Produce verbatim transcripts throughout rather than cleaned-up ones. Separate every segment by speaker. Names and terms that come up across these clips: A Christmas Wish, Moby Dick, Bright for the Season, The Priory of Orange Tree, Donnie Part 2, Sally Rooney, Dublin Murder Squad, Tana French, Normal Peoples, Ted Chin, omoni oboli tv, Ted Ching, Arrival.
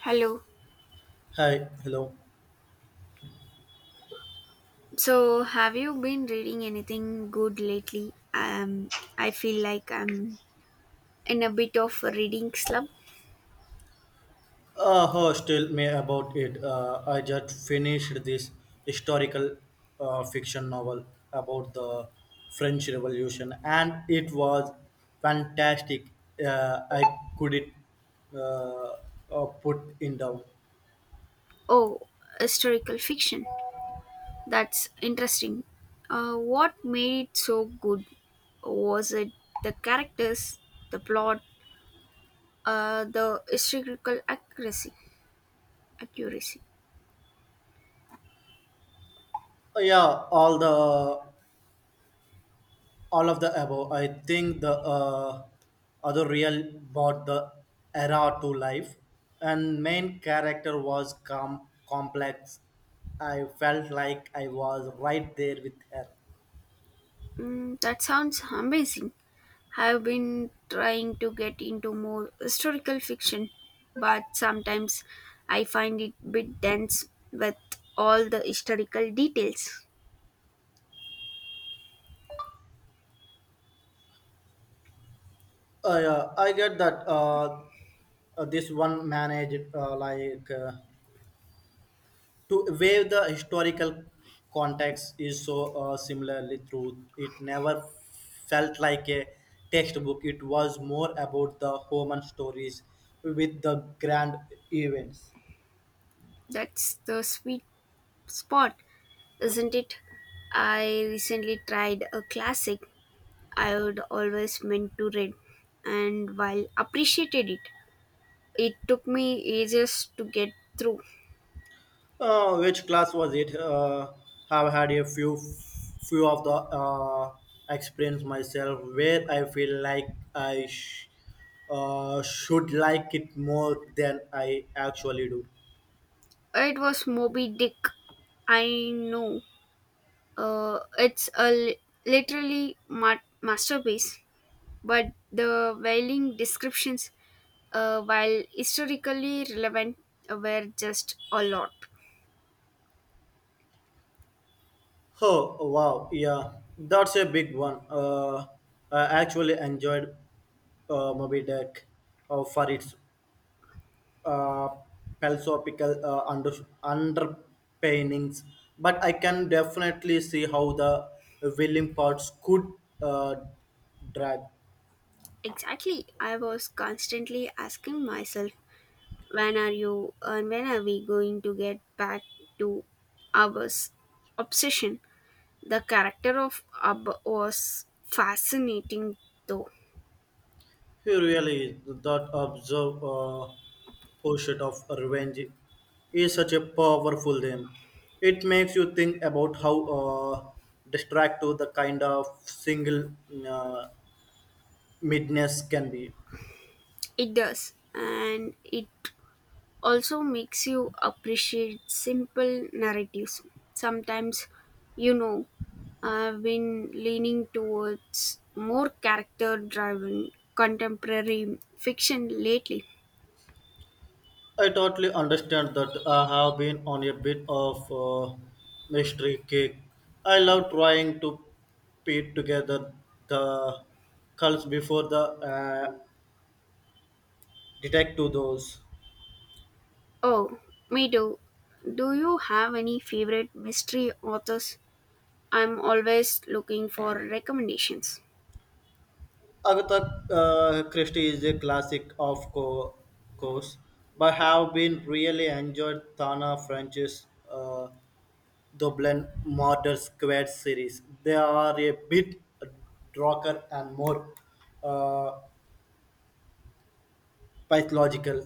Speaker 1: Hello.
Speaker 2: Hi, hello.
Speaker 1: So, have you been reading anything good lately? Um, I feel like I'm in a bit of a reading slump.
Speaker 2: Uh, Hosh, tell me about it. Uh, I just finished this historical uh, fiction novel about the French Revolution, and it was fantastic. Uh, I couldn't uh, uh, put it down.
Speaker 1: Oh, historical fiction. That's interesting. Uh, what made it so good? Was it the characters, the plot, uh, the historical accuracy? Accuracy.
Speaker 2: Uh, yeah, all the all of the above, I think the uh, other real brought the era to life, and main character was calm, complex. I felt like I was right there with her.
Speaker 1: Mm, that sounds amazing. I've been trying to get into more historical fiction, but sometimes I find it a bit dense with all the historical details.
Speaker 2: Uh, yeah, I get that. Uh, uh, this one managed, uh, like uh, to where the historical context is so uh, similarly true. It never felt like a textbook. It was more about the human stories with the grand events.
Speaker 1: That's the sweet spot, isn't it? I recently tried a classic I would always meant to read, and while appreciated it, it took me ages to get through.
Speaker 2: Uh, which class was it? Uh, have had a few few of the uh, experience myself, where I feel like i sh- uh, should like it more than I actually do.
Speaker 1: It was Moby Dick. I know. Uh, it's a li- literally ma- masterpiece, but the wailing descriptions, uh, while historically relevant, uh, were just a lot.
Speaker 2: Oh wow, yeah, that's a big one. Uh, I actually enjoyed uh, Moby Dick uh, for its uh, philosophical uh, under underpinnings, but I can definitely see how the willing parts could uh, drag.
Speaker 1: Exactly. I was constantly asking myself, when are you and when are we going to get back to Abba's obsession? The character of Abba was fascinating, though.
Speaker 2: He really that observe uh, pursuit of revenge is such a powerful name. It makes you think about how uh, distractive the kind of single uh, midness can be.
Speaker 1: It does, and it also makes you appreciate simple narratives. Sometimes, you know, I've been leaning towards more character driven contemporary fiction lately.
Speaker 2: I totally understand that. I have been on a bit of uh, mystery kick. I love trying to put together the cults before the uh, detect those.
Speaker 1: Oh, me too. Do you have any favorite mystery authors? I'm always looking for recommendations.
Speaker 2: Agatha uh, Christie is a classic, of co- course, but have been really enjoyed Tana French's uh, Dublin Murder Squad series. They are a bit darker and more uh, pathological.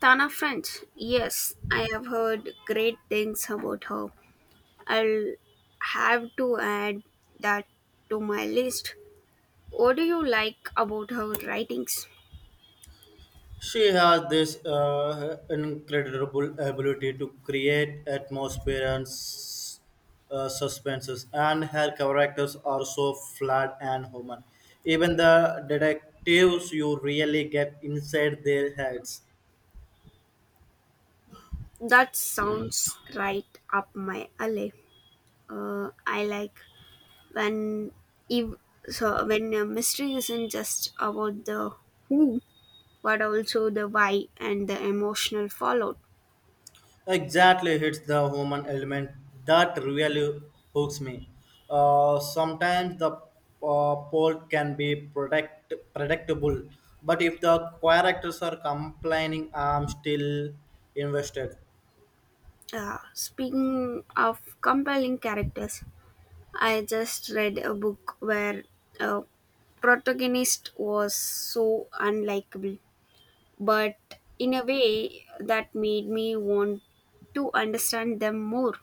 Speaker 1: Tana French, yes, I have heard great things about her. I'll have to add that to my list. What do you like about her writings?
Speaker 2: She has this uh, incredible ability to create atmosphere and s- uh, suspenses, and her characters are so flawed and human. Even the detectives, you really get inside their heads.
Speaker 1: That sounds right up my alley. Uh, I like when ev- so when a mystery isn't just about the who, but also the why and the emotional fallout.
Speaker 2: Exactly, hits the human element that really hooks me. Uh, sometimes the uh, plot can be predict- predictable, but if the characters are complaining, I'm still invested.
Speaker 1: Uh, speaking of compelling characters, I just read a book where a protagonist was so unlikable but in a way that made me want to understand them more.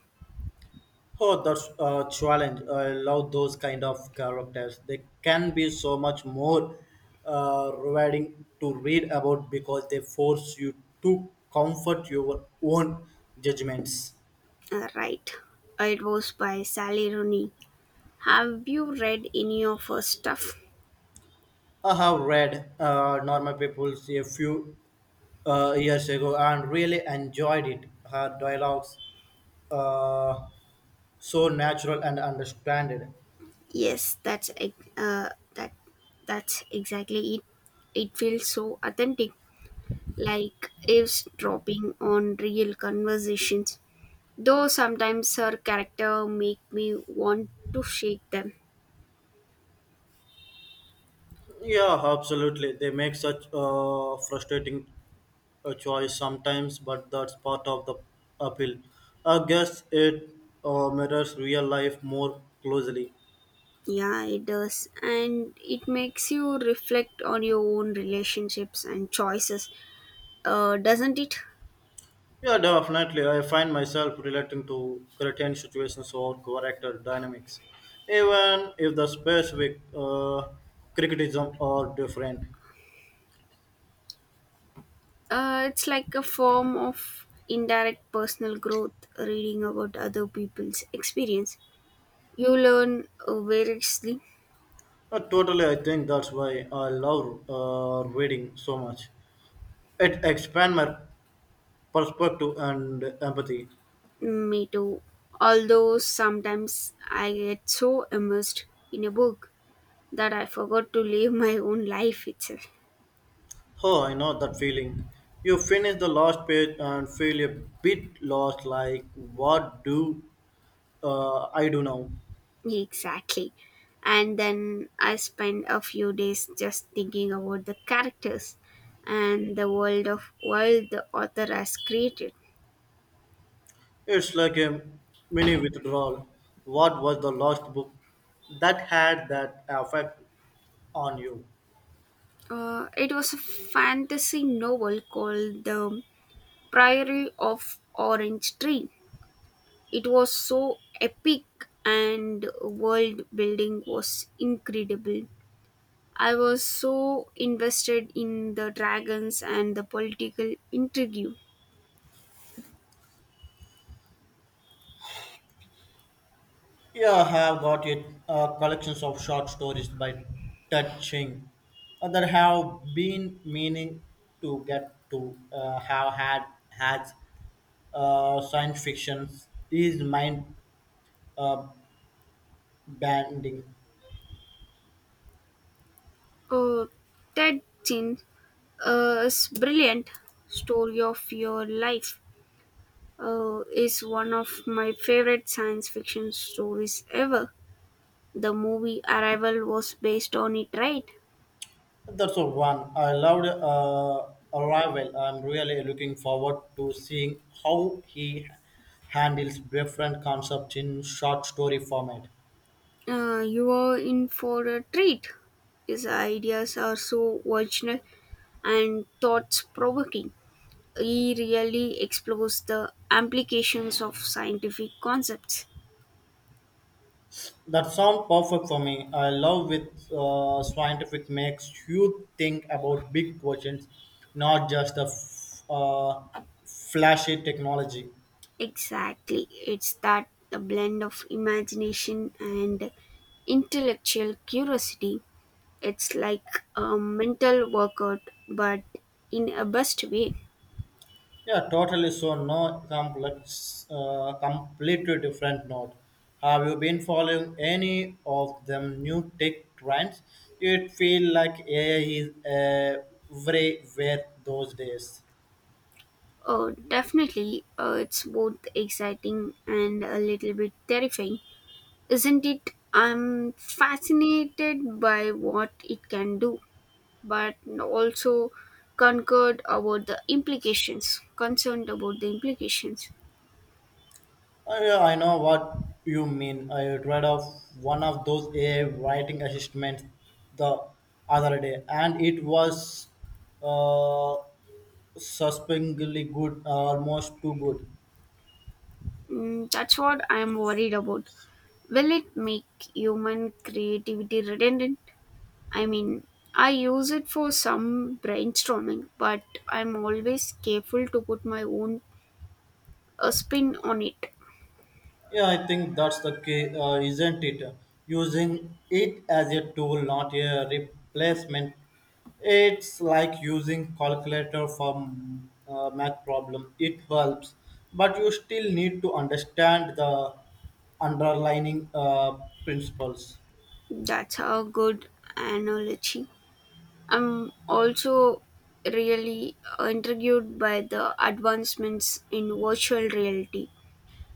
Speaker 2: Oh, that's a challenge. I love those kind of characters. They can be so much more uh, rewarding to read about, because they force you to comfort your own judgments.
Speaker 1: Uh, right. It was by Sally Rooney. Have you read any of her stuff?
Speaker 2: I have read uh, Normal Peoples a few uh, years ago and really enjoyed it. Her dialogues uh, so natural and understandable.
Speaker 1: Yes, that's ex- uh, that that's exactly it. It feels so authentic, like eavesdropping on real conversations. Though sometimes her character make me want to shake them.
Speaker 2: Yeah, absolutely. They make such a frustrating uh, choice sometimes, but that's part of the appeal. I guess it uh, mirrors real life more closely.
Speaker 1: Yeah, it does. And it makes you reflect on your own relationships and choices, uh, doesn't it?
Speaker 2: Yeah, definitely. I find myself relating to certain situations or character dynamics, even if the specific uh, criticism are different.
Speaker 1: Uh, it's like a form of indirect personal growth, reading about other people's experience. You learn uh, variously.
Speaker 2: Uh, totally, I think that's why I love uh, reading so much. It expands my perspective and empathy.
Speaker 1: Me too. Although sometimes I get so immersed in a book that I forgot to live my own life itself.
Speaker 2: Oh, I know that feeling. You finish the last page and feel a bit lost, like what do uh, I do now.
Speaker 1: Exactly. And then I spent a few days just thinking about the characters and the world of world the author has created.
Speaker 2: It's like a mini withdrawal. What was the last book that had that effect on you?
Speaker 1: Uh, it was a fantasy novel called The Priory of Orange Tree. It was so epic and world building was incredible. I was so invested in the dragons and the political intrigue.
Speaker 2: Yeah, I have got it. Uh, collections of short stories by Ted Ching uh, that have been meaning to get to, uh, have had has uh, science fiction is mind uh, bending.
Speaker 1: Oh, Ted Chin, a brilliant story of your life, uh, is one of my favorite science fiction stories ever. The movie Arrival was based on it, right?
Speaker 2: That's the one. I loved uh, Arrival. I'm really looking forward to seeing how he handles different concepts in short story format.
Speaker 1: Uh, you are in for a treat. His ideas are so original and thoughts provoking. He really explores the implications of scientific concepts.
Speaker 2: That sounds perfect for me. I love with uh, scientific makes you think about big questions, not just the f- uh, flashy technology.
Speaker 1: Exactly. It's that the blend of imagination and intellectual curiosity. It's like a mental workout, but in a best way.
Speaker 2: Yeah, totally. So no complex, uh, completely different note. Have you been following any of them new tech trends? It feel like A I is everywhere those days.
Speaker 1: Oh, definitely. Uh, it's both exciting and a little bit terrifying, isn't it? I'm fascinated by what it can do, but also concerned about the implications. Concerned about the implications.
Speaker 2: Oh, yeah, I know what you mean. I read of one of those A I writing assistants the other day, and it was uh, suspiciously good, almost too good.
Speaker 1: Mm, that's what I'm worried about. Will it make human creativity redundant? I mean, I use it for some brainstorming, but I'm always careful to put my own a spin on it.
Speaker 2: Yeah, I think that's the key, uh, isn't it? Using it as a tool, not a replacement. It's like using calculator for mm, uh, math problem. It helps, but you still need to understand the underlining uh, principles.
Speaker 1: That's a good analogy. I'm also really intrigued by the advancements in virtual reality.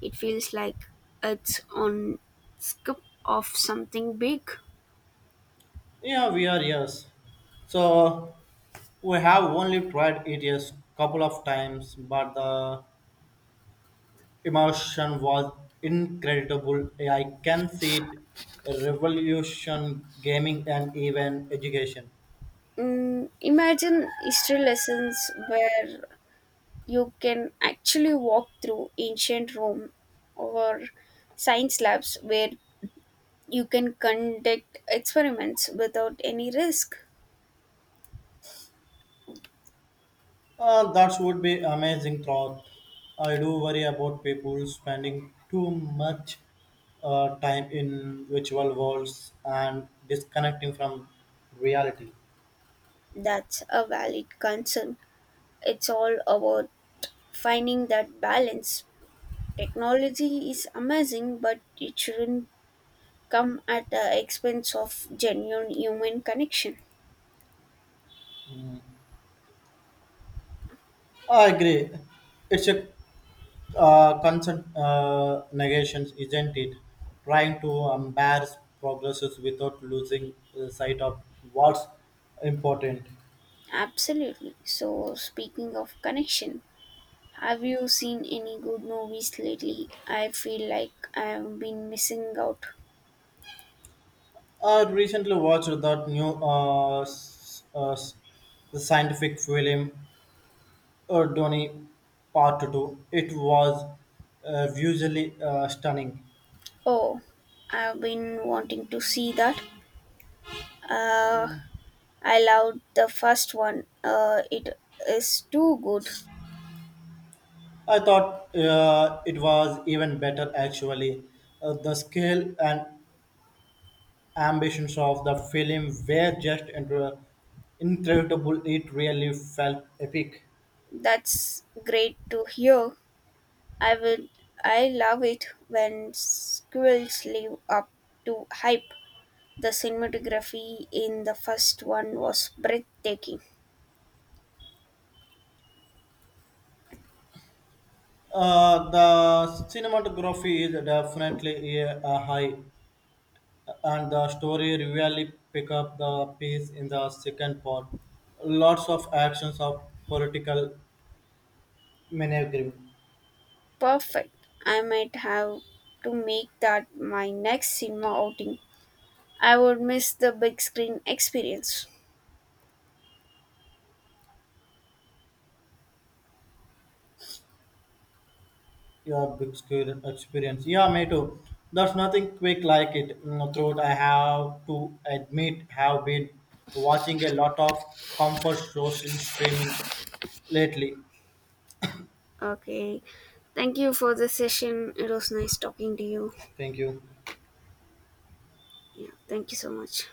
Speaker 1: It feels like it's on scope of something big.
Speaker 2: Yeah, we are, yes. So we have only tried it a couple of times, but the Immersion was incredible. I can see it revolution gaming and even education.
Speaker 1: Mm, imagine history lessons where you can actually walk through ancient Rome or science labs where you can conduct experiments without any risk.
Speaker 2: Uh, that would be amazing thought. I do worry about people spending too much uh, time in virtual worlds and disconnecting from reality.
Speaker 1: That's a valid concern. It's all about finding that balance. Technology is amazing, but it shouldn't come at the expense of genuine human connection.
Speaker 2: Mm. I agree. It's a uh, consent uh, negations, isn't it? Trying to embarrass progresses without losing uh, sight of what's important.
Speaker 1: Absolutely. So, speaking of connection, have you seen any good movies lately? I feel like I've been missing out.
Speaker 2: I recently watched that new uh, s- uh, s- the scientific film, uh, Donnie Part two. It was uh, visually uh, stunning.
Speaker 1: Oh, I've been wanting to see that. Uh, I loved the first one. Uh, it is too good.
Speaker 2: I thought uh, it was even better actually. Uh, the scale and ambitions of the film were just incre- incredible. It really felt epic.
Speaker 1: That's great to hear. I will. I love it when squirrels live up to hype. The cinematography in the first one was breathtaking.
Speaker 2: Uh, the cinematography is definitely a, a high, and the story really pick up the pace in the second part. Lots of actions of political maneuvering.
Speaker 1: Perfect. I might have to make that my next cinema outing. I would miss the big screen experience.
Speaker 2: Yeah, big scale experience. Yeah, me too. There's nothing quick like it. Mm, Throughout, I have to admit, have been watching a lot of comfort shows in streaming lately.
Speaker 1: Okay. Thank you for the session. It was nice talking to you.
Speaker 2: Thank you.
Speaker 1: Yeah, thank you so much.